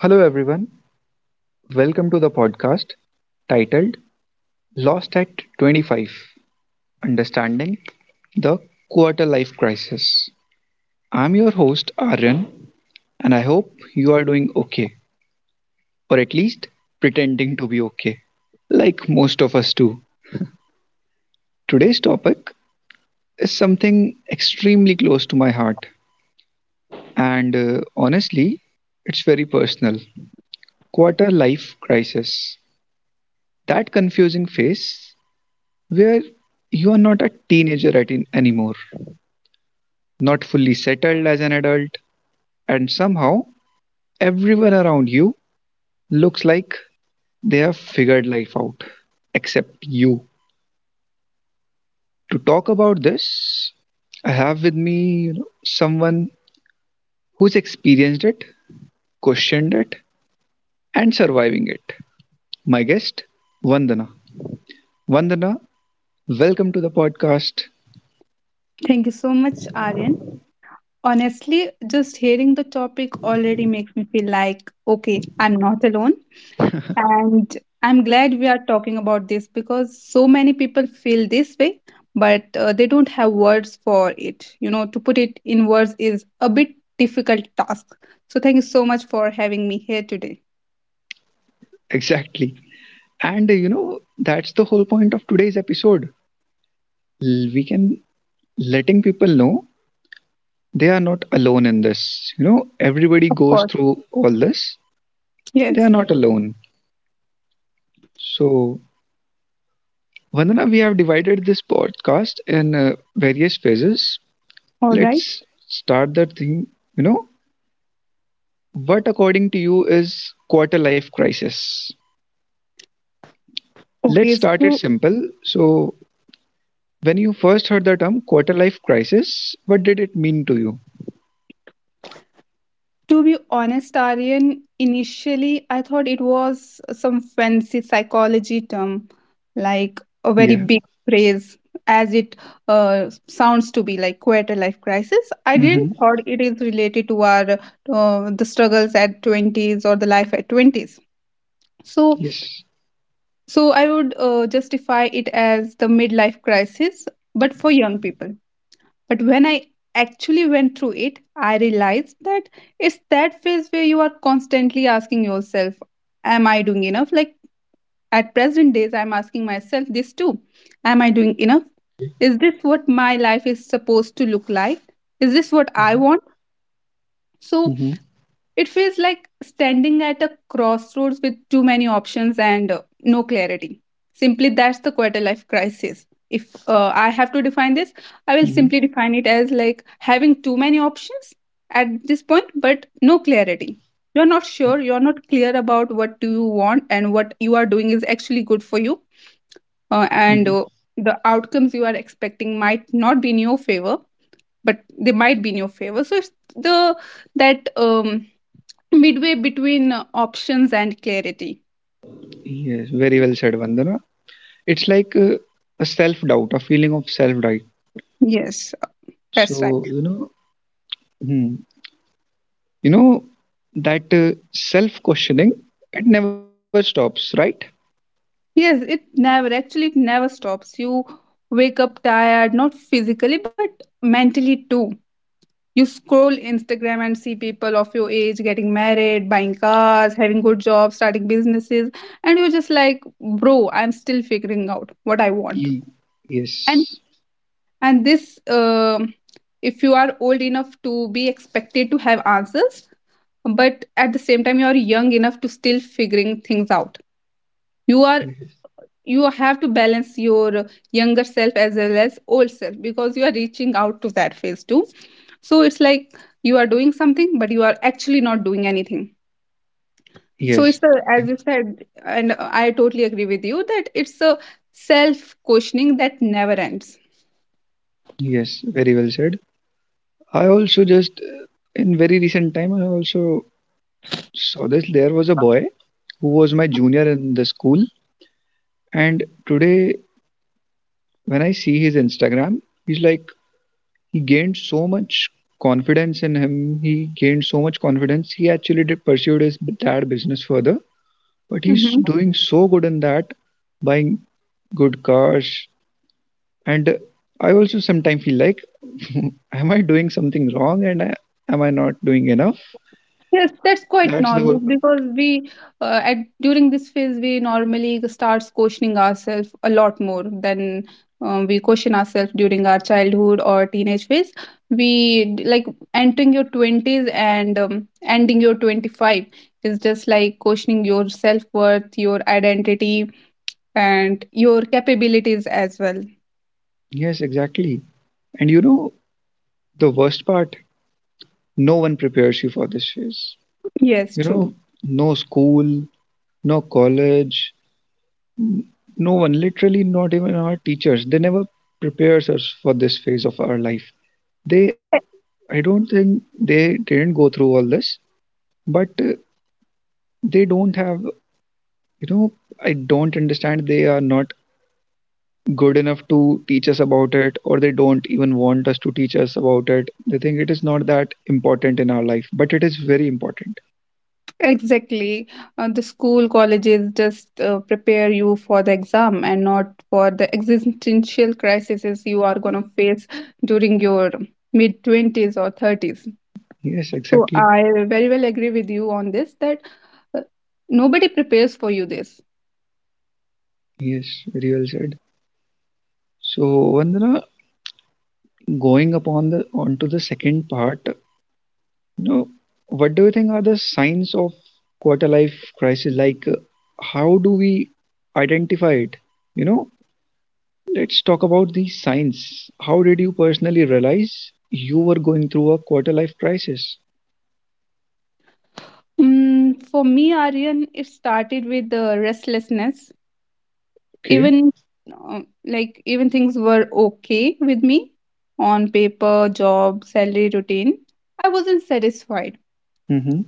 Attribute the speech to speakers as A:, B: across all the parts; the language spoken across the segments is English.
A: Hello, everyone. Welcome to the podcast titled Lost at 25 Understanding the Quarter Life Crisis. I'm your host, Aryan, and I hope you are doing okay, or at least pretending to be okay, like most of us do. Today's topic is something extremely close to my heart, and honestly, it's very personal. Quarter life crisis. That confusing phase where you are not a teenager anymore, not fully settled as an adult, and somehow everyone around you looks like they have figured life out, except you. To talk about this, I have with me someone who's experienced it, questioned it, and surviving it. My guest, Vandana. Vandana, welcome to the podcast.
B: Thank you so much, Aryan. Honestly, just hearing the topic already makes me feel like, okay, I'm not alone. And I'm glad we are talking about this because so many people feel this way, but they don't have words for it. To put it in words is a bit difficult task. So thank you so much for having me here today.
A: Exactly. And you know, that's the whole point of today's episode. We can letting people know they are not alone in this. You know, everybody
B: Of
A: goes
B: course.
A: through all this. They are
B: Yes.
A: not alone. So, Vandana, we have divided this podcast in various phases.
B: All right.
A: Let's start the thing. You know, what according to you is quarter life crisis? Let's
B: Okay.
A: start it
B: So
A: simple. So, when you first heard the term quarter life crisis, what did it mean to you?
B: to be honest, Aryan, initially I thought it was some fancy psychology term, like a very
A: Yeah.
B: big phrase, as it sounds to be like quarter life crisis. I didn't
A: Mm-hmm.
B: thought it is related to our the struggles at twenties or the life at twenties. So,
A: Yes.
B: so I would justify it as the midlife crisis, but for young people. But when I actually went through it, I realized that it's that phase where you are constantly asking yourself, am I doing enough? Like at present days, I'm asking myself this too. Am I doing enough? Is this what my life is supposed to look like? Is this what I
A: Mm-hmm.
B: want? So
A: Mm-hmm.
B: it feels like standing at a crossroads with too many options and no clarity. Simply, that's the quarter life crisis. If I have to define this, I will
A: Mm-hmm.
B: simply define it as like having too many options at this point, but no clarity. You're not sure, you're not clear about what do you want and what you are doing is actually good for you. And the outcomes you are expecting might not be in your favor, but they might be in your favor. So it's the that midway between options and clarity.
A: Yes, very well said, Vandana. It's like a self doubt, a feeling of self doubt.
B: Yes, that's right.
A: So, you know, hmm, you know that self questioning, it never stops, right?
B: Yes, it never actually, it never stops. You wake up tired, not physically but mentally too. You scroll Instagram and see people of your age getting married, buying cars, having good jobs, starting businesses, and you're just like, bro, I'm still figuring out what I want.
A: Ye-
B: And
A: Yes.
B: this, if you are old enough to be expected to have answers, but at the same time you are young enough to still figuring things out, you are you have to balance your younger self as well as old self because you are reaching out to that phase too. So it's like you are doing something but you are actually not doing anything. So
A: Yes.
B: it's a, as you said and I totally agree with you that it's a self questioning that never ends.
A: Yes. Very well said. I also just, in very recent time, I also saw this. There was a boy who was my junior in the school. And today, when I see his Instagram, he gained so much confidence in him. He gained so much confidence. He actually did pursued his dad business further, but he's doing so good in that, buying good cars. And I also sometimes feel like, am I doing something wrong? Am I not doing enough?
B: Yes, that's quite
A: That's the whole.
B: normal because we at during this phase we normally starts questioning ourselves a lot more than we question ourselves during our childhood or teenage phase. Like entering your twenties and ending your 25 is just like questioning your self worth, your identity, and your capabilities as well.
A: Yes, exactly. And you know the worst part? No one prepares you for this phase.
B: Yes,
A: You
B: true.
A: know, no school, no college, no one, literally not even our teachers, they never prepares us for this phase of our life. They, I don't think they didn't go through all this, but they don't have, you know, I don't understand. They are not good enough to teach us about it, or they don't even want us to teach us about it. They think it is not that important in our life, but it is very important.
B: Exactly. The school colleges just prepare you for the exam and not for the existential crises you are going to face during your mid 20s or 30s.
A: Yes,
B: So
A: exactly.
B: I very well agree with you on this that uh, nobody prepares for you this.
A: Yes, very well said. So, Vandana, going upon the onto the second part no, what do you think are the signs of quarter life crisis? Like, how do we identify it? You know, let's talk about these signs. How did you personally realize you were going through a quarter life crisis?
B: Mm, for me, Aryan, it started with the restlessness.
A: Okay.
B: Even like even things were okay with me on paper, job, salary, routine. I wasn't satisfied.
A: Mm-hmm.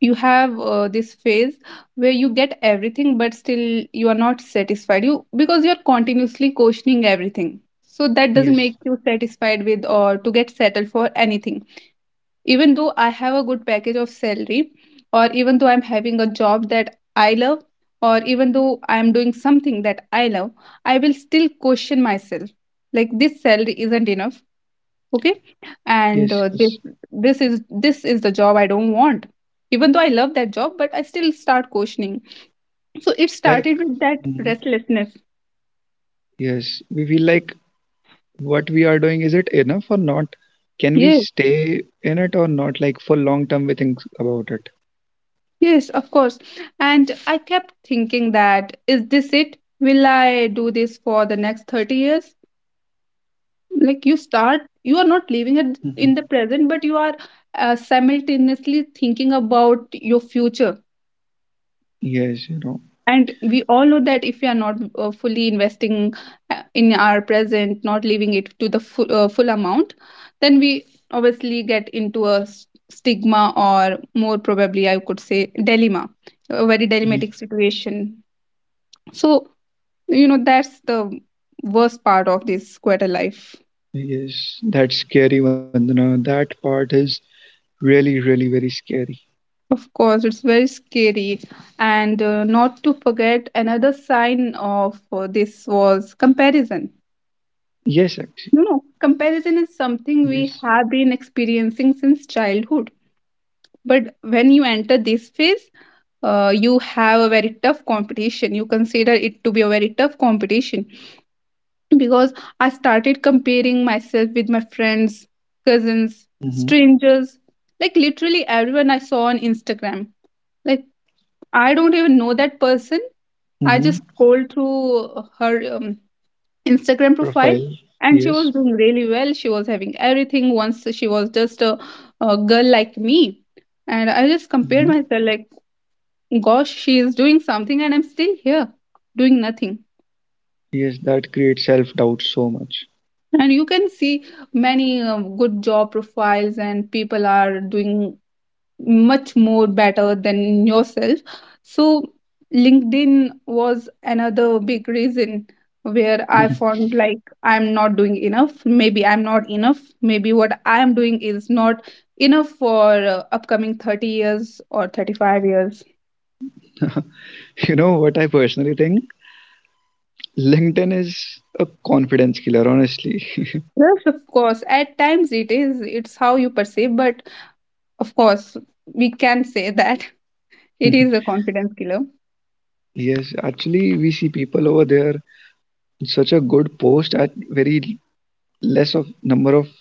B: You have this phase where you get everything but still you are not satisfied you because you're continuously questioning everything, so that doesn't
A: Yes.
B: make you satisfied with or to get settled for anything. Even though I have a good package of salary, or even though I'm having a job that I love, or even though I'm doing something that I love, I will still question myself like this salary isn't enough. Okay. And
A: Yes.
B: uh, this
A: Yes.
B: this is this is the job I don't want. Even though I love that job, but I still start questioning. So it
A: Like,
B: started with that
A: mhm.
B: restlessness.
A: Yes, we feel like what we are doing is it enough or not? Can we
B: Yes,
A: stay in it or not? Like for long term, we think about it.
B: yes, of course. And I kept thinking that is this it, will I do this for the next 30 years? Like you start, you are not living it in
A: Hmm.
B: the present, but you are simultaneously thinking about your future.
A: Yes, you know.
B: And we all know that if we are not fully investing in our present, not leaving it to the full, full amount, then we obviously get into a stigma, or more probably I could say dilemma, a very dilemmatic situation. So you know that's the worst part of this quarter life.
A: Yes, that's scary, Vandana. That part is really, really very scary.
B: Of course it's very scary. And not to forget, another sign of this was comparison.
A: Yes, actually.
B: No, no. Comparison is something we
A: Yes.
B: have been experiencing since childhood. But when you enter this phase, you have a very tough competition. You consider it to be a very tough competition because I started comparing myself with my friends, cousins,
A: Mm-hmm.
B: strangers, like literally everyone I saw on Instagram. Like, I don't even know that person. I just
A: Mm-hmm.
B: scroll through her Instagram profile,
A: Profile.
B: and she was
A: Yes.
B: doing really well. She was having everything once. She was just a girl like me. And I just compared
A: Mm-hmm.
B: myself like, gosh, she is doing something and I'm still here doing nothing.
A: Yes, that creates self-doubt so much.
B: And you can see many good job profiles and people are doing much more better than yourself. So LinkedIn was another big reason where I found like I'm not doing enough, maybe I'm not enough, maybe what I'm doing is not enough for upcoming 30 years or 35 years.
A: You know what I personally think? LinkedIn is a confidence killer, honestly.
B: Yes, of course, at times it is, it's how you perceive. But of course we can say that it is a confidence killer.
A: Yes, actually, we see people over there in such a good post at very less of number of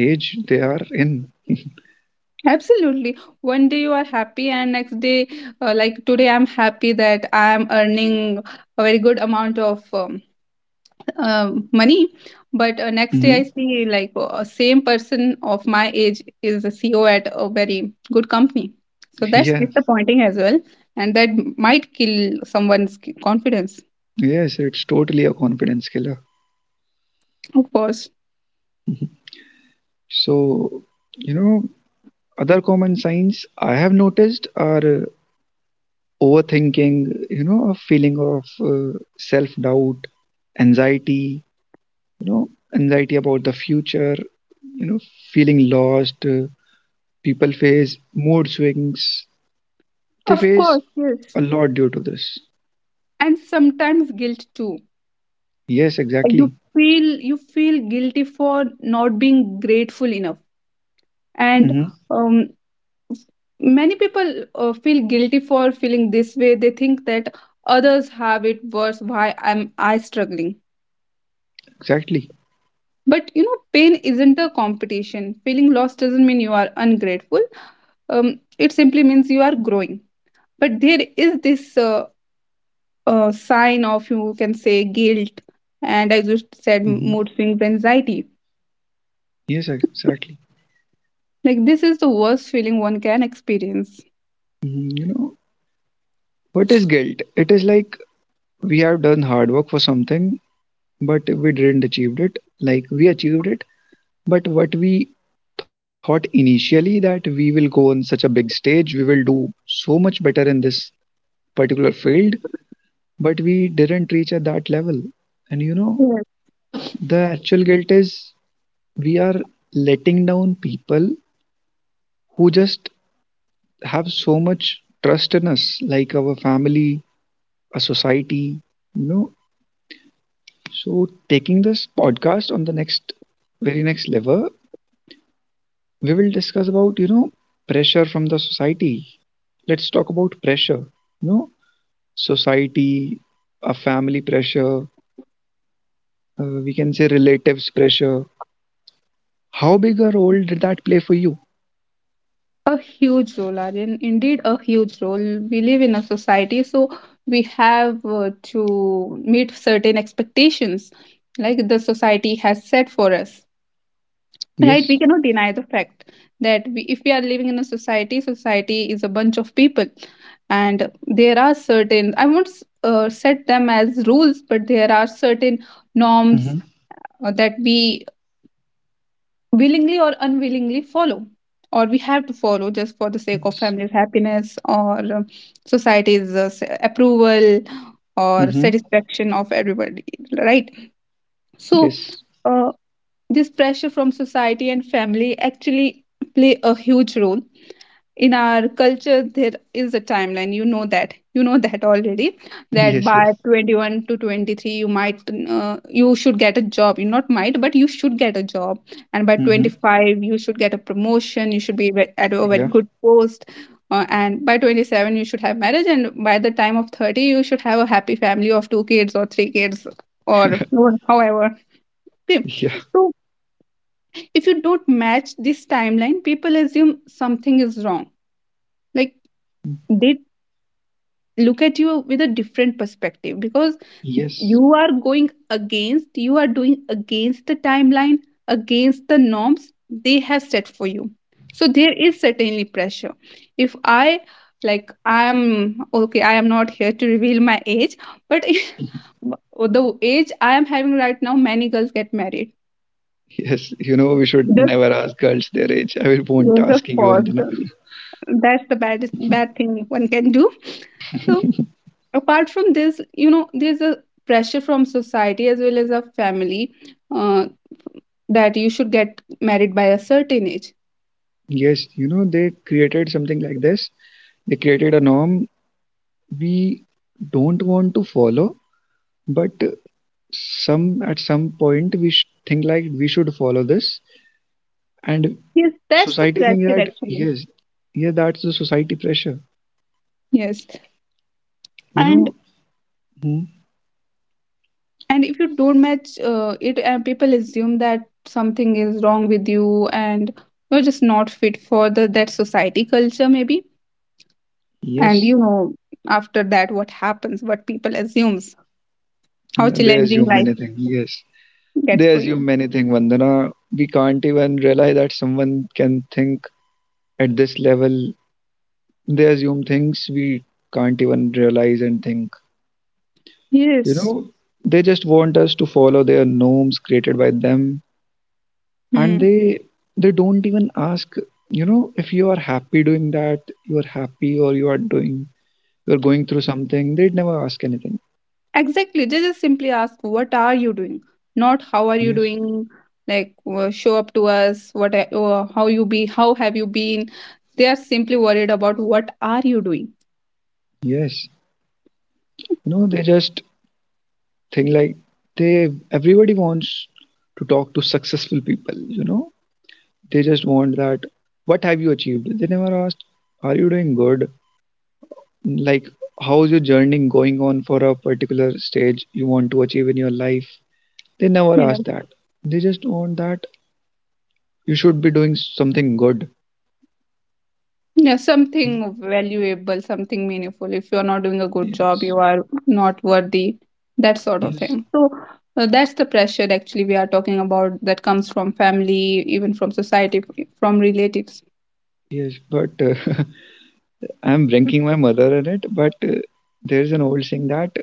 A: age they are in.
B: Absolutely. One day you are happy, and next day, like today, I'm happy that I'm earning a very good amount of money. But next day, I
A: Hmm.
B: see like a same person of my age is a CEO at a very good company. So that's
A: Yeah,
B: disappointing as well, and that might kill someone's confidence.
A: yes, it's totally a confidence killer.
B: Of course,
A: So, you know, other common signs I have noticed are overthinking, you know, a feeling of self doubt, anxiety, you know, anxiety about the future, you know, feeling lost. People face mood swings. They
B: of
A: face
B: course, yes,
A: a lot due to this.
B: and sometimes guilt too.
A: Yes,
B: You
A: exactly.
B: feel, you feel guilty for not being grateful enough, and
A: Mm-hmm.
B: um, many people feel guilty for feeling this way. They think that others have it worse, why am I struggling.
A: Exactly.
B: But you know, pain isn't a competition. Feeling lost doesn't mean you are ungrateful. It simply means you are growing. But there is this sign of, you can say, guilt. And I just said
A: Mm-hmm.
B: mood swings, anxiety.
A: Yes, exactly.
B: Like this is the worst feeling one can experience.
A: Mhm. You know, what is guilt? It is like we have done hard work for something, but we didn't achieve it. Like we achieved it, but what we thought initially, that we will go on such a big stage, we will do so much better in this particular field, but we didn't reach at that level. And you know the actual guilt is we are letting down people who just have so much trust in us, like our family, a society, you know. So taking this podcast on the next, very next level, we will discuss about, you know, pressure from the society. Let's talk about pressure. You know, society, a family pressure, we can say relatives pressure. How big a role did that play for you?
B: A huge role, Aryan. Indeed, a huge role. We live in a society, so we have to meet certain expectations, like the society has set for us. Right?
A: Yes.
B: We cannot deny the fact that we, if we are living in a society, society is a bunch of people, and there are certain. I won't set them as rules, but there are certain norms
A: Mm-hmm.
B: that we willingly or unwillingly follow, or we have to follow just for the sake of family's happiness or society's approval or
A: Mm-hmm.
B: satisfaction of everybody. Right? So
A: Yes,
B: uh, this pressure from society and family actually play a huge role. In our culture there is a timeline, you know that, you know that already, that
A: yes.
B: by
A: Yes.
B: 21 to 23 you might, you should get a job, you not might but you should get a job. And by
A: Mm-hmm.
B: 25 you should get a promotion, you should be at a very
A: Yeah.
B: good post. And by 27 you should have marriage, and by the time of 30 you should have a happy family of two kids or three kids, or however. Okay.
A: Yeah.
B: So if you don't match this timeline, people assume something is wrong. Like they look at you with a different perspective because
A: Yes.
B: you are going against, you are doing against the timeline, against the norms they have set for you. So there is certainly pressure. If i like i am okay, I am not here to reveal my age, but the age I am having right now, many girls get married,
A: Yes, you know, we should
B: just
A: never ask girls their age. I will won't
B: just
A: asking you,
B: pause.
A: Vandana.
B: That's the bad thing one can do. So apart from this, you know, there's a pressure from society as well as a family, uh, that you should get married by a certain age.
A: Yes, you know, they created something like this. They created a norm we don't want to follow, but some at some point we think like we should follow this. And
B: Yes, that's the
A: society think
B: pressure
A: that,
B: actually.
A: yes, yeah, that's the society pressure,
B: Yes.
A: you
B: and
A: know. Hmm.
B: and if you don't match it, and people assume that something is wrong with you, and you're just not fit for the that society culture maybe. And you
A: Yes.
B: know, after that what happens, what people assumes, how
A: Yeah, they
B: challenging
A: assume
B: life
A: many things. Yes,
B: gets
A: they
B: for you.
A: assume many things, Vandana. We can't even realize that someone can think at this level. They assume things we can't even realize and think. You
B: Yes.
A: know, they just want us to follow their norms created by them,
B: Hmm.
A: and they don't even ask, you know, if you are happy doing that, you are happy, or you are doing, you're going through something, they'd never ask anything.
B: Exactly. They just simply ask, what are you doing? Not how are you
A: Yes.
B: doing? Like, show up to us. What, how you be? How have you been? They are simply worried about what are you doing?
A: Yes, you know, they just think like, they, everybody wants to talk to successful people, you know. They just want that, what have you achieved. They never asked are you doing good, like how's your journey going on for a particular stage you want to achieve in your life. They never
B: Yeah.
A: ask that. They just want that you should be doing something good.
B: Yeah, something valuable, something meaningful. If you're not doing a good job, you
A: Yes.
B: are not worthy, that sort of
A: Yes.
B: thing. So that's the pressure actually we are talking about that comes from family, even from society, from relatives.
A: Yes, but I'm ranking my mother in it. But there's an old saying that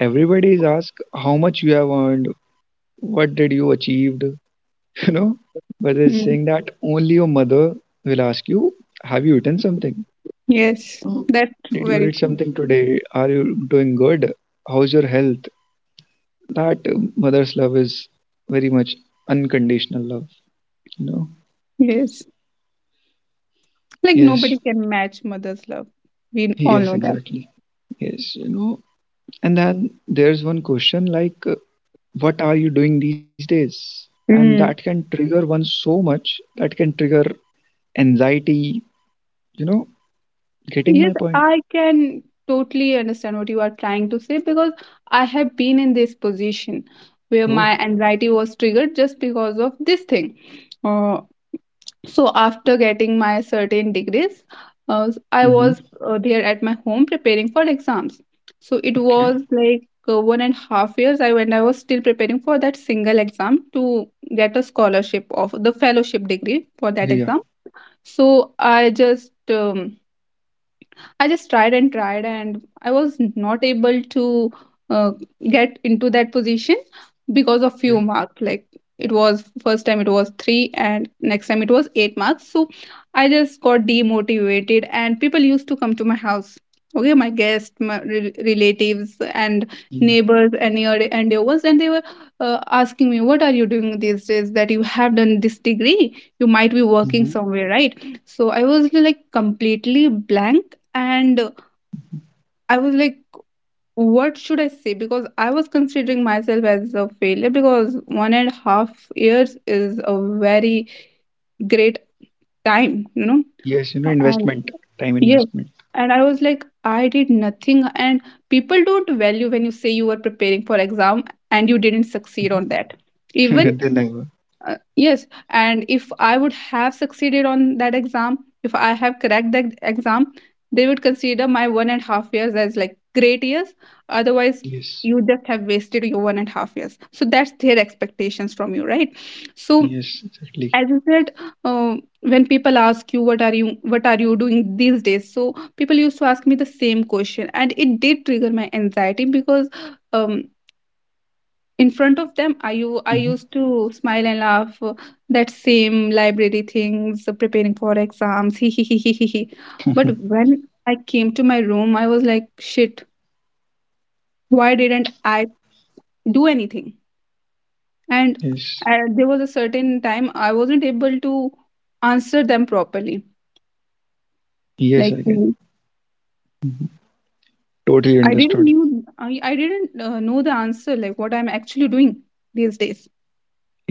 A: everybody is asked how much you have earned, what did you achieved, you know. But it's
B: Mm.
A: saying that only your mother will ask you, have you eaten something?
B: Yes,
A: Oh,
B: that's
A: did you
B: very
A: eat
B: true.
A: something today? Are you doing good? How's your health? That mother's love is very much unconditional love, you know.
B: Yes. Like nobody
A: Yes,
B: can match mother's love. We all
A: yes,
B: know
A: exactly. Yes, you know, and then there's one question like, what are you doing these days? And that
B: that.
A: can trigger one so much, that can trigger anxiety, you know, getting
B: Yes,
A: my point.
B: I can totally understand what you are trying to say because I have been in this position where
A: Oh.
B: my anxiety was triggered just because of this thing. Uh, so, after getting my certain degrees, I was
A: Mm-hmm.
B: there at my home preparing for exams. So, it
A: Okay.
B: was like 1.5 years I when I was still preparing for that single exam to get a scholarship of the fellowship degree for that
A: Yeah,
B: exam. So, I just tried and tried, and I was not able to uh, get into that position because of
A: yeah,
B: few marks. Like it was first time it was three, and next time it was eight marks. So I just got demotivated, and people used to come to my house. Okay, my guests, my relatives, and
A: yeah.
B: neighbors, and near and they were asking me, "What are you doing these days? That you have done this degree, you might be working
A: Mm-hmm.
B: somewhere, right?" So I was like completely blank, and I was like, what should I say, because I was considering myself as a failure, because 1.5 years is a very great time.
A: Yes, you know,
B: And
A: investment, time
B: yes,
A: investment.
B: and I was like I did nothing, and people don't value when you say you were preparing for exam and you didn't succeed on that even.
A: Then I will.
B: Yes, and if I would have succeeded on that exam, if I have cracked that exam, they would consider my 1.5 years as like great years. Otherwise,
A: Yes,
B: you just have wasted your 1.5 years. So that's their expectations from you, right? So
A: yes, exactly.
B: as I said, uh, when people ask you what are you doing these days, so people used to ask me the same question, and it did trigger my anxiety, because um, in front of them, I used to smile and laugh, that same library things, preparing for exams he,
A: Mm-hmm.
B: but when I came to my room I was like, shit, why didn't I do anything. And
A: Yes,
B: there was a certain time I wasn't able to answer them properly,
A: yes,
B: like
A: I can.
B: Mm.
A: Totally
B: i didn't
A: understood.
B: knew I didn't know the answer, like what I'm actually doing these days.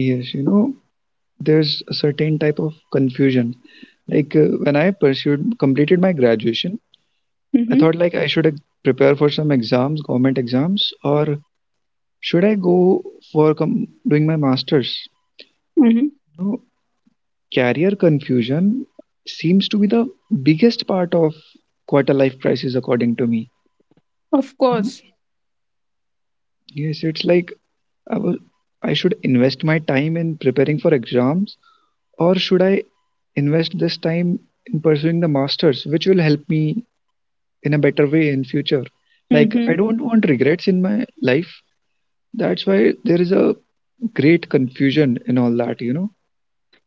A: Yes, you know, there's a certain type of confusion. Like when I pursued completed my graduation, I
B: Mm-hmm.
A: thought like I should prepare for some exams, government exams, or should I go for doing my masters?
B: Mm-hmm.
A: You know, career confusion seems to be the biggest part of quarter life crisis, according to me.
B: Of
A: You know,
B: course.
A: yes, it's like I was, I should invest my time in preparing for exams, or should I invest this time in pursuing the masters, which will help me in a better way in future. Like
B: Mm-hmm.
A: I don't want regrets in my life. That's why there is a great confusion in all that, you know.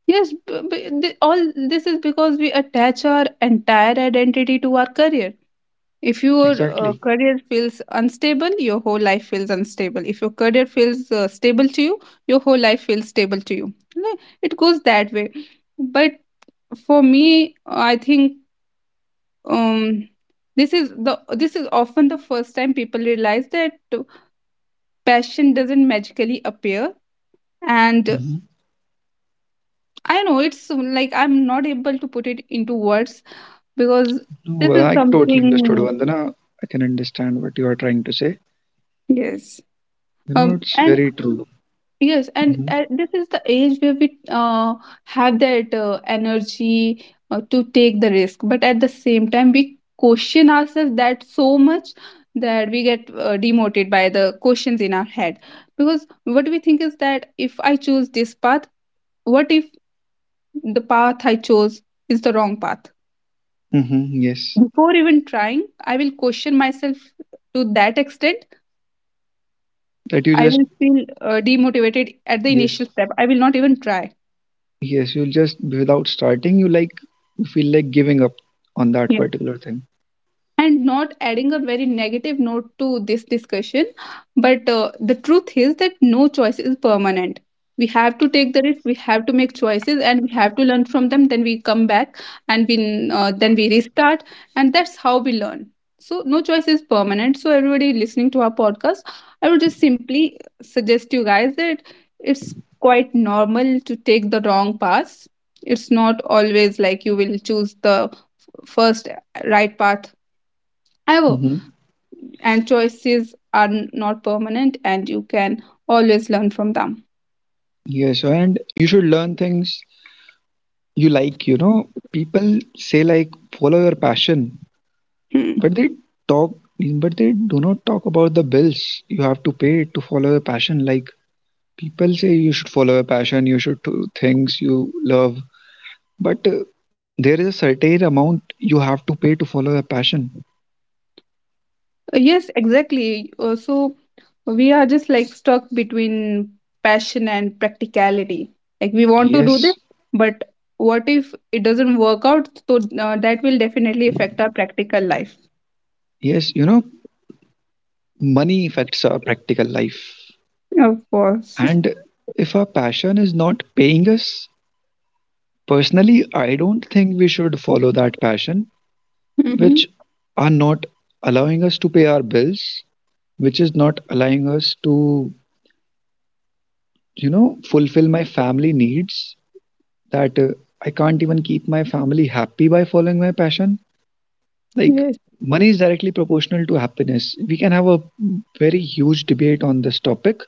B: Yes, all this is because we attach our entire identity to our career. If your
A: Exactly.
B: career feels unstable, your whole life feels unstable. If your career feels stable to you, your whole life feels stable to you. No, it goes that way. But for me, I think, um, this is often the first time people realize that passion doesn't magically appear. And
A: Hmm.
B: I know it's like I'm not able to put it into words, because
A: No,
B: this is
A: well, I totally understood,
B: something.
A: Vandana. I can understand what you are trying to say.
B: Yes.
A: You know, it's
B: And
A: very true.
B: yes, and
A: Hmm.
B: this is the age where we have that energy to take the risk, but at the same time we question ourselves that so much that we get demoted by the questions in our head, because what we think is that if I choose this path, what if the path I chose is the wrong path.
A: Hmm. Yes,
B: Before even trying, I will question myself to that extent.
A: that you
B: I
A: just,
B: will feel demotivated at the initial
A: yes.
B: step. I will not even try.
A: Yes, you'll just without starting you like you feel like giving up on that
B: Yeah.
A: particular thing.
B: And not adding a very negative note to this discussion, but the truth is that no choice is permanent. We have to take the risk, we have to make choices, and we have to learn from them. Then we come back, and we then we restart, and that's how we learn. So no choice is permanent. So everybody listening to our podcast, I would just simply suggest you guys that it's quite normal to take the wrong path. It's not always like you will choose the first right path ever.
A: Hmm.
B: And choices are not permanent, and you can always learn from them.
A: Yes, and you should learn things you like, you know. People say like follow your passion,
B: Hmm.
A: but they talk, but they do not talk about the bills you have to pay to follow your passion. Like people say you should follow your passion, you should do things you love, but there is a certain amount you have to pay to follow your passion.
B: Yes, exactly. So we are just like stuck between passion and practicality. Like we want to do this,
A: Yes.
B: but what if it doesn't work out, so that will definitely affect our practical life.
A: Yes, you know, money affects our practical life.
B: Of course.
A: And if our passion is not paying us, personally I don't think we should follow that passion, which
B: Hmm.
A: are not allowing us to pay our bills, which is not allowing us to, you know, fulfill my family needs, that I can't even keep my family happy by following my passion. Like,
B: Yes.
A: money is directly proportional to happiness. We can have a very huge debate on this topic,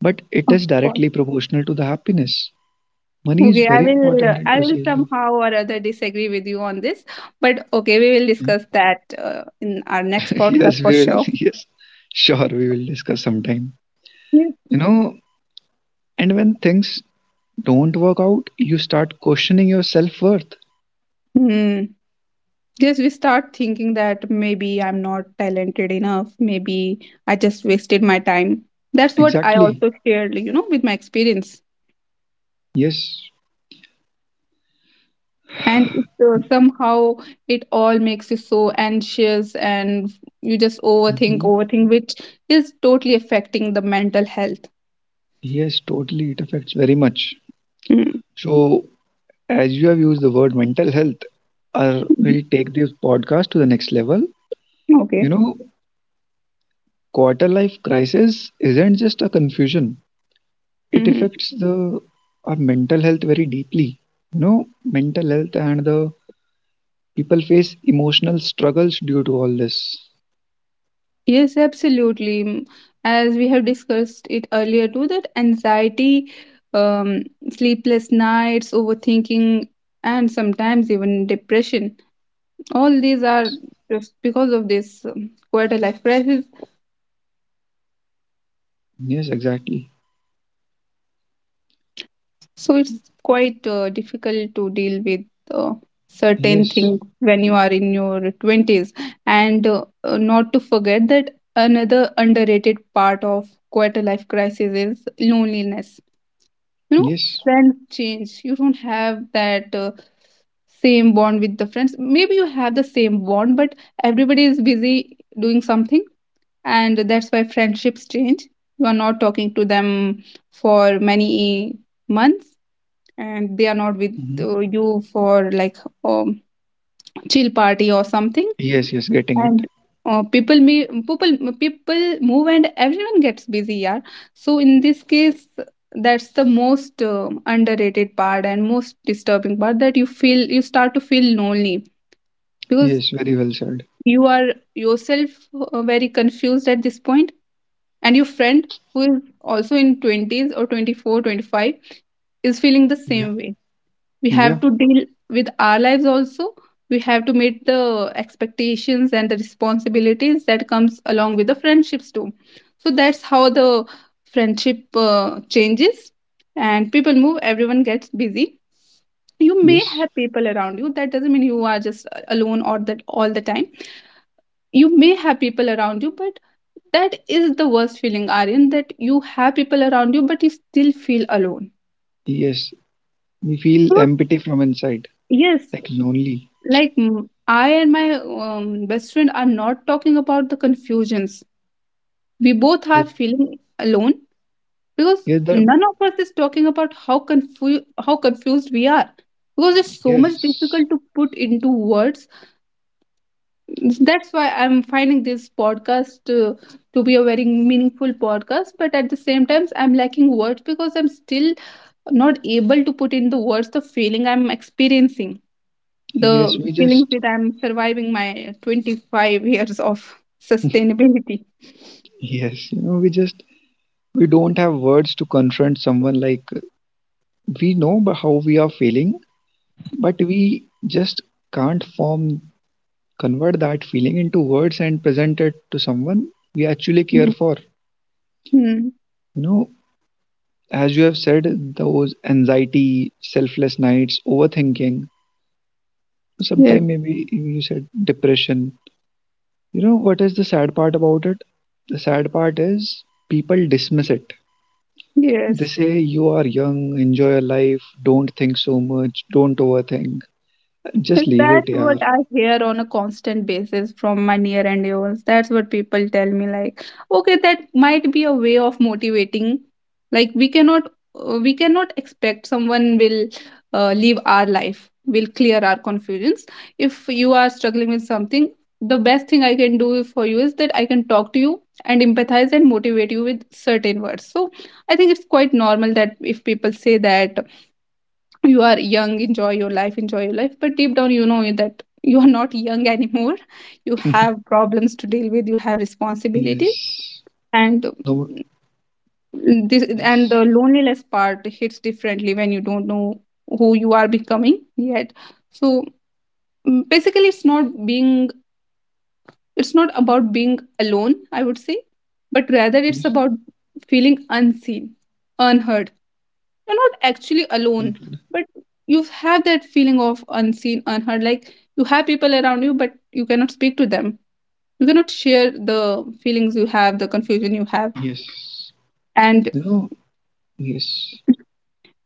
A: but it
B: Of
A: is
B: course.
A: directly proportional to the happiness. Money is
B: okay i
A: very
B: will uh,
A: important in
B: i will
A: society.
B: somehow or other disagree with you on this. But okay, we will discuss that in our next
A: Yes,
B: podcast for
A: we will.
B: sure.
A: Yes, sure, we will discuss sometime.
B: Yes.
A: You know, and when things don't work out, you start questioning your self worth.
B: Hmm. Yes, we start thinking that maybe I'm not talented enough. Maybe I just wasted my time. That's what I
A: Exactly.
B: also shared, with my experience.
A: Yes.
B: And somehow it all makes you so anxious, and you just overthink,
A: Mhm.
B: overthink, which is totally affecting the mental health.
A: Yes, totally. It affects very much.
B: Hmm.
A: So, as you have used the word mental health, or
B: Mhm.
A: we'll take this podcast to the next level. You
B: Okay.
A: know, quarter life crisis isn't just a confusion. It
B: Mhm.
A: affects the our mental health very deeply. You know, mental health and the people face emotional struggles due to all this.
B: Yes, absolutely. As we have discussed it earlier too, that anxiety, um, sleepless nights, overthinking, and sometimes even depression, all these are just because of this quarter life crisis.
A: Yes, exactly.
B: So it's quite difficult to deal with uh, certain
A: Yes.
B: things when you are in your 20s. And not to forget that another underrated part of quarter life crisis is loneliness you know
A: Yes.
B: Friends change, you don't have that same bond with the friends. Maybe you have the same bond, but everybody is busy doing something, and that's why friendships change. You are not talking to them for many months, and they are not with you for like um, chill party or something.
A: Yes, yes, getting it.
B: And people me people people move, and everyone gets busy. Yeah. So in this case, that's the most underrated part and most disturbing part, that you feel, you start to feel lonely, because
A: Yes, very well said.
B: you are yourself very confused at this point, and your friend who is also in 20s or 24, 25 is feeling the
A: Yeah,
B: same way. We
A: yeah,
B: have to deal with our lives also. We have to meet the expectations and the responsibilities that comes along with the friendships too. So that's how the friendship changes, and people move, everyone gets busy. You may
A: yes,
B: have people around you, that doesn't mean you are just alone or that all the time. You may have people around you, but that is the worst feeling, Aryan, that you have people around you but you still feel alone.
A: yes. We feel
B: So
A: empty from inside,
B: yes,
A: like lonely.
B: like I and my best friend are not talking about the confusions, we both
A: Yeah,
B: are feeling alone, because
A: yeah, the,
B: none of us is talking about how confused we are, because it's so much
A: yes,
B: difficult to put into words. That's why I'm finding this podcast to be a very meaningful podcast, but at the same time I'm lacking words, because I'm still not able to put in the words the feeling I'm experiencing, the
A: yes, we
B: feeling
A: just,
B: that I'm surviving my 25 years of sustainability.
A: yes, we just, we don't have words to confront someone like we know but how we are feeling, but we just can't form, convert that feeling into words and present it to someone we actually care
B: Mhm.
A: for.
B: Mm.
A: You know, as you have said, those anxiety, selfless nights, overthinking,
B: Yes.
A: sometime maybe you said depression. You know what is the sad part about it? The sad part is people dismiss it. They
B: Yes.
A: say you are young, enjoy your life, don't think so much, don't overthink. Just leave it,
B: That's what
A: yaar.
B: I hear on a constant basis from my near and dears. That's what people tell me. Like, okay, that might be a way of motivating. Like, we cannot expect someone will live our life, will clear our confusions. If you are struggling with something, the best thing I can do for you is that I can talk to you and empathize and motivate you with certain words. So I think it's quite normal that if people say that you are young, enjoy your life, enjoy your life, but deep down you know that you are not young anymore, you have problems to deal with, you have responsibilities.
A: Yes.
B: And
A: No.
B: this and the
A: Yes.
B: loneliness part hits differently when you don't know who you are becoming yet. So basically it's not about being alone, I would say, but rather it's about feeling unseen, unheard. You're not actually alone, but you have that feeling of unseen, unheard, like you have people around you but you cannot speak to them, you cannot share the feelings you have, the confusion you have.
A: Yes.
B: and
A: You know. Yes.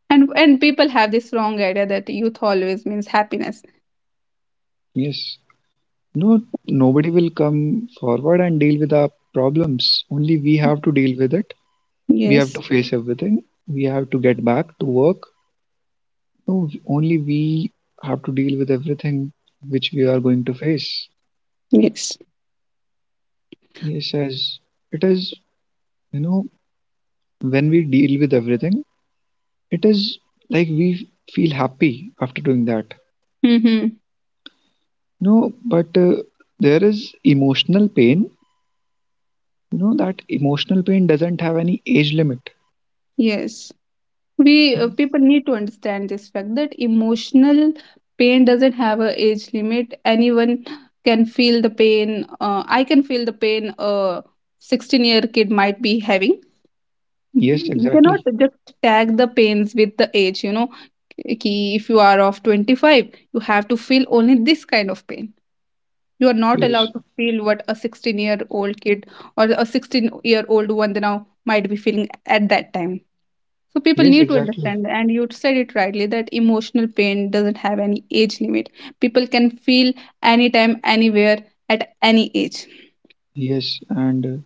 B: and and people have this wrong idea that youth always means happiness.
A: Yes. No, nobody will come forward and deal with our problems. Only we have to deal with it. We have to
B: Yes.
A: face everything. We have to get back to work. No, only we have to deal with everything which we are going to face.
B: Yes.
A: Yes, as it is, you know, when we deal with everything, it is like we feel happy after doing that.
B: Mm-hmm.
A: No, but there is emotional pain. You know, that emotional pain doesn't have any age limit.
B: Yes, we
A: No.
B: people need to understand this fact that emotional pain doesn't have a age limit. Anyone can feel the pain, I can feel the pain a 16-year kid might be having. Mhm.
A: Yes,
B: You cannot
A: exactly.
B: just tag the pains with the age, you know, ki, if you are of 25, you have to feel only this kind of pain. You are not
A: Yes,
B: allowed to feel what a 16-year-old kid or a 16-year-old one now might be feeling at that time. So people
A: yes,
B: need to
A: exactly.
B: understand, and you said it rightly, that emotional pain doesn't have any age limit. People can feel anytime, anywhere, at any age.
A: Yes, and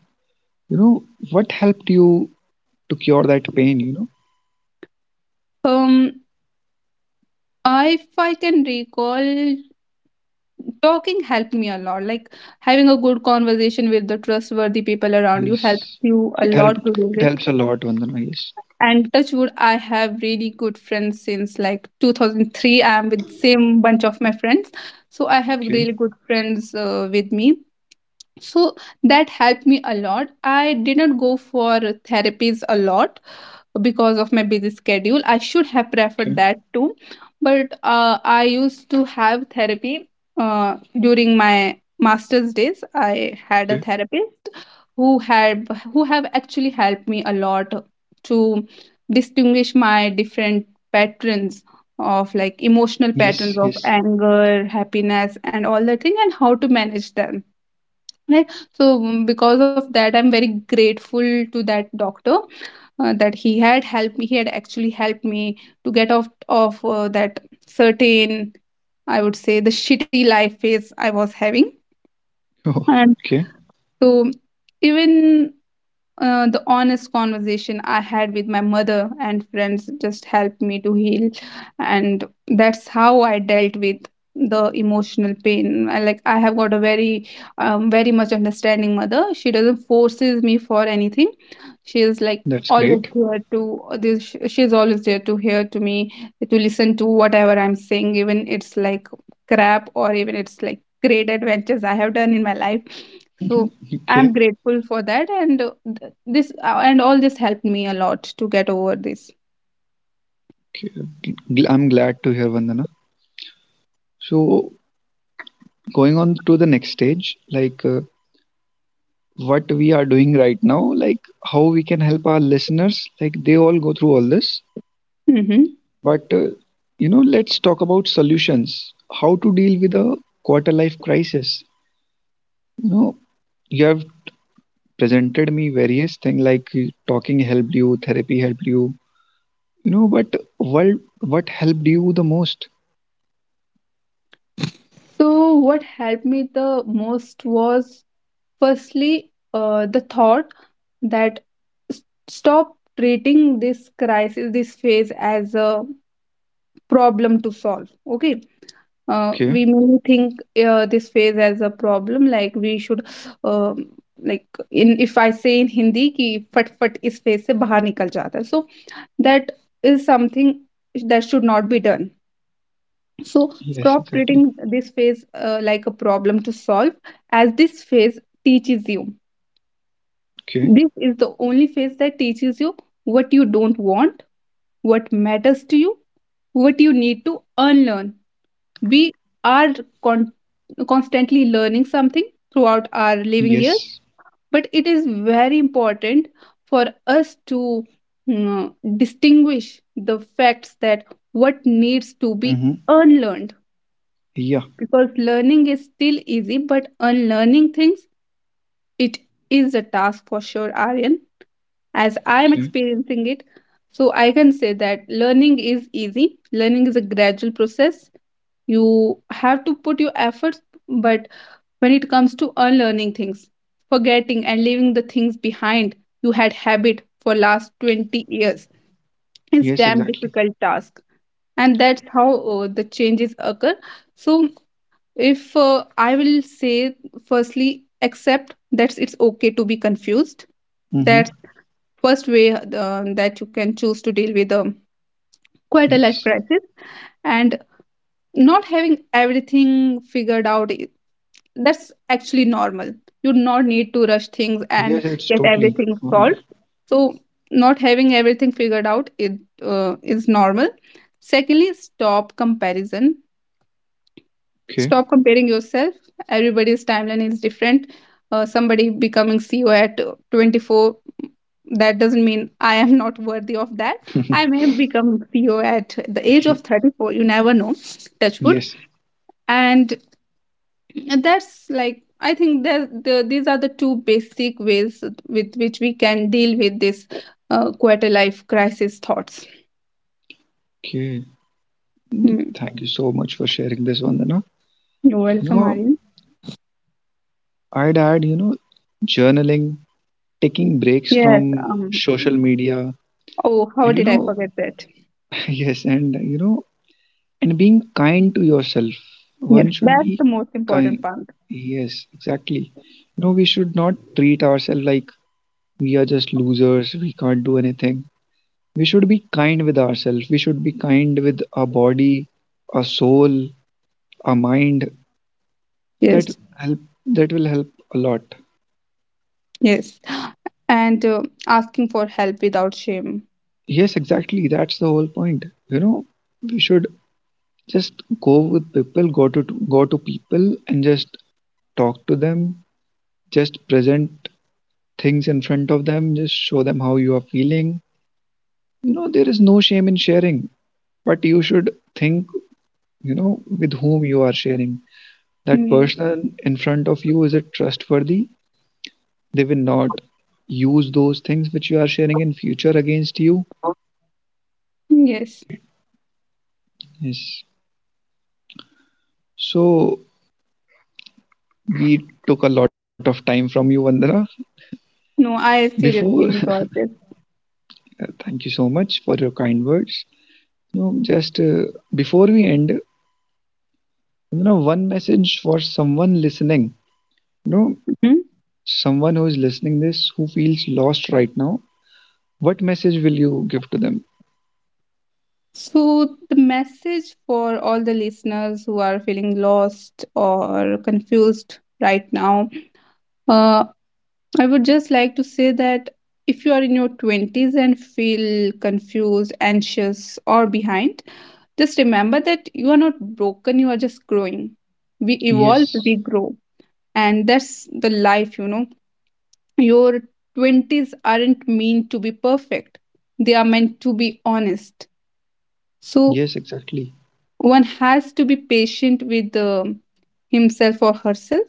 A: you know what helped you to cure that pain? You know,
B: Um, I, if I can recall, talking helped me a lot. Like having a good conversation with the trustworthy people around you helps
A: yes,
B: you a
A: it
B: lot to
A: helped.
B: deal
A: It
B: with.
A: helps a lot, Vandana. Yes.
B: And touchwood, I have really good friends since like 2003. I'm with same bunch of my friends, so I have
A: Okay.
B: really good friends with me, so that helped me a lot. I didn't go for therapies a lot because of my busy schedule. I should have preferred
A: Okay.
B: that too, but I used to have therapy during my master's days. I had a
A: Okay.
B: therapist who have actually helped me a lot to distinguish my different patterns of like emotional
A: Yes.
B: patterns of
A: Yes.
B: anger, happiness and all that thing, and how to manage them right. So because of that I'm very grateful to that doctor, that he had helped me. He had actually helped me to get off of that certain, I would say, the shitty life phase I was having.
A: Oh,
B: And
A: okay.
B: so even the honest conversation I had with my mother and friends just helped me to heal. And that's how I dealt with the emotional pain. I, like I have got a very, very much understanding mother. She doesn't forces me for anything. She is like
A: That's
B: always
A: great.
B: there to this she's always there to hear to me, to listen to whatever I'm saying, even it's like crap or even it's like great adventures I have done in my life. So
A: Okay.
B: I'm grateful for that, and th- this and all this helped me a lot to get over this.
A: Okay. I'm glad to hear, Vandana. So going on to the next stage, like what we are doing right now, like how we can help our listeners, like they all go through all this.
B: Hmm.
A: But you know, let's talk about solutions. How to deal with a quarter life crisis? You know, you have presented me various things like talking helped you, therapy helped you. You know, but what helped you the most?
B: So, what helped me the most was firstly the thought that s- stop treating this crisis, this phase, as a problem to solve. Okay,
A: Okay.
B: we may think this phase as a problem, like we should um like in, if I say in Hindi, ki fat fat is phase se bahar nikal jata hai. So that is something that should not be done. So
A: Yes,
B: stop
A: exactly.
B: treating this phase like a problem to solve, as this phase teaches you,
A: Okay.
B: this is the only phase that teaches you what you don't want, what matters to you, what you need to unlearn. We are con- constantly learning something throughout our living years,
A: Yes.
B: but it is very important for us to mm, distinguish the facts that what needs to be
A: Mm-hmm.
B: unlearned,
A: Yeah.
B: because learning is still easy, but unlearning things, it is a task for sure, Aryan, as I am
A: Okay.
B: experiencing it. So I can say that learning is easy. Learning is a gradual process. You have to put your efforts, but when it comes to unlearning things, forgetting and leaving the things behind you had habit for last 20 years, it's
A: Yes,
B: damn
A: exactly.
B: difficult task. And that's how the changes occur. So if I will say, firstly, accept that it's okay to be confused.
A: Mm-hmm.
B: That's first way that you can choose to deal with quite a life
A: Yes.
B: crisis. And not having everything figured out, that's actually normal. You do not need to rush things
A: Yes,
B: and
A: it's
B: get
A: totally
B: everything
A: normal.
B: solved. So not having everything figured out, it is normal. Secondly, stop comparison.
A: Okay.
B: Stop comparing yourself. Everybody's timeline is different. Somebody becoming CEO at 24, that doesn't mean I am not worthy of that. I may become CEO at the age of 34. You never know. Touch wood.
A: Yes.
B: And that's like, I think that the, these are the two basic ways with which we can deal with this quarter life crisis thoughts.
A: Okay.
B: Hmm.
A: Thank you so much for sharing this, one, Vandana.
B: You're
A: You
B: welcome,
A: know,
B: Aryan.
A: I'd add, journaling, taking breaks
B: Yes.
A: from social media,
B: Oh,
A: and
B: how did I forget that?
A: yes, and and being kind to yourself. One
B: Yes,
A: should
B: that's
A: be
B: the most
A: kind.
B: important part.
A: Yes, exactly. You know, we should not treat ourselves like we are just losers, we can't do anything. We should be kind with ourselves. We should be kind with our body, our soul, our mind. That
B: Yes,
A: help that will help a lot.
B: yes. And asking for help without shame.
A: Yes, exactly. That's the whole point. We should Just go with people, go to people and just talk to them, just present things in front of them, just show them how you are feeling. You know, there is no shame in sharing, but you should think, you know, with whom you are sharing. That
B: Yes,
A: person in front of you, is it trustworthy? They will not use those things which you are sharing in future against you.
B: yes.
A: Yes. So we took a lot of time from you, Vandana.
B: No, I
A: Before,
B: seriously enjoyed this.
A: thank you so much for your kind words. You know, just Before we end, one message for someone listening, you know,
B: Mhm.
A: someone who is listening this who feels lost right now. What message will you give to them?
B: So, the message for all the listeners who are feeling lost or confused right now, uh, I would just like to say that if you are in your 20s and feel confused, anxious, or behind, just remember that you are not broken, you are just growing. We evolve,
A: Yes,
B: we grow. And that's the life, you know. Your 20s aren't meant to be perfect, they are meant to be honest. So
A: yes, exactly.
B: one has to be patient with himself or herself.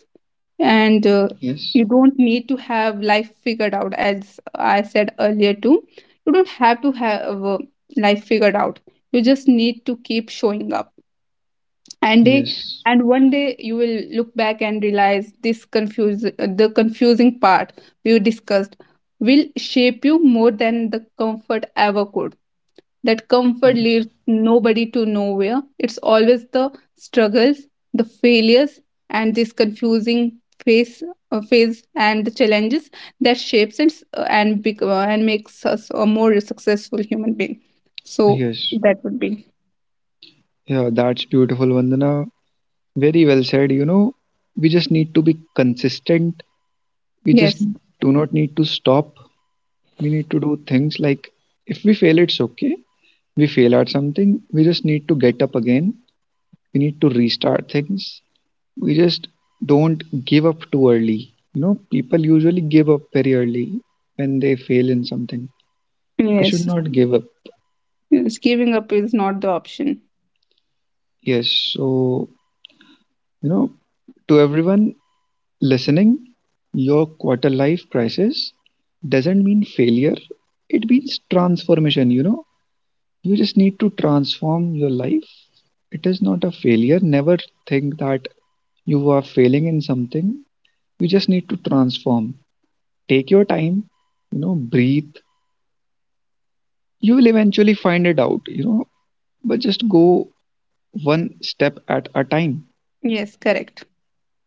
B: And
A: Yes,
B: you don't need to have life figured out, as I said earlier, too. You don't have to have life figured out. You just need to keep showing up, and they
A: yes,
B: and one day you will look back and realize this confuse the confusing part we discussed will shape you more than the comfort ever could. That comfort
A: yes,
B: leads nobody to nowhere. It's always the struggles, the failures, and this confusing phase phase and the challenges, that shapes and and makes us a more successful human being. So
A: yes.
B: that would be
A: Yeah, that's beautiful, Vandana. Very well said. You know, we just need to be consistent. We just
B: yes,
A: do not need to stop. We need to do things like if we fail, it's okay. We fail at something, we just need to get up again, we need to restart things, we just don't give up too early. You know, people usually give up very early when they fail in something. They should
B: yes.
A: not give up.
B: Yes, giving up is not the option.
A: Yes. So you know, to everyone listening, your quarter life crisis doesn't mean failure, it means transformation. You know, you just need to transform your life. It is not a failure. Never think that you are failing in something. You just need to transform, take your time, you know, breathe. You will eventually find it out. You know, but just go one step at a time.
B: Yes, correct.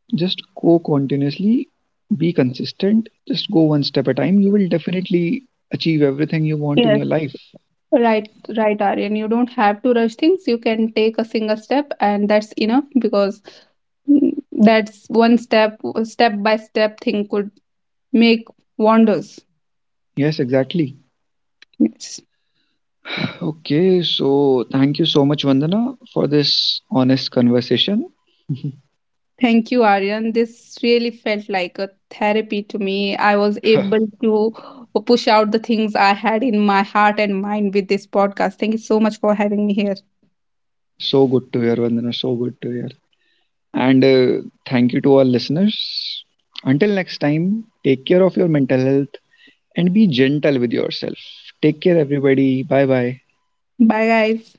A: Just go continuously, be consistent, just go one step at a time, you will definitely achieve everything you want in your
B: Yes.
A: life.
B: Right, right, Aryan. You don't have to rush things. You can take a single step, and that's enough because, that's one step, step by step thing could make wonders.
A: Yes, exactly.
B: Yes.
A: Okay, so thank you so much, Vandana, for this honest conversation.
B: Thank you, Aryan. This really felt like a therapy to me. I was able to push out the things I had in my heart and mind with this podcast. Thank you so much for having me here.
A: So good to hear, Vandana. So good to hear. And thank you to our listeners. Until next time, take care of your mental health and be gentle with yourself. Take care, everybody. Bye bye.
B: Bye, guys.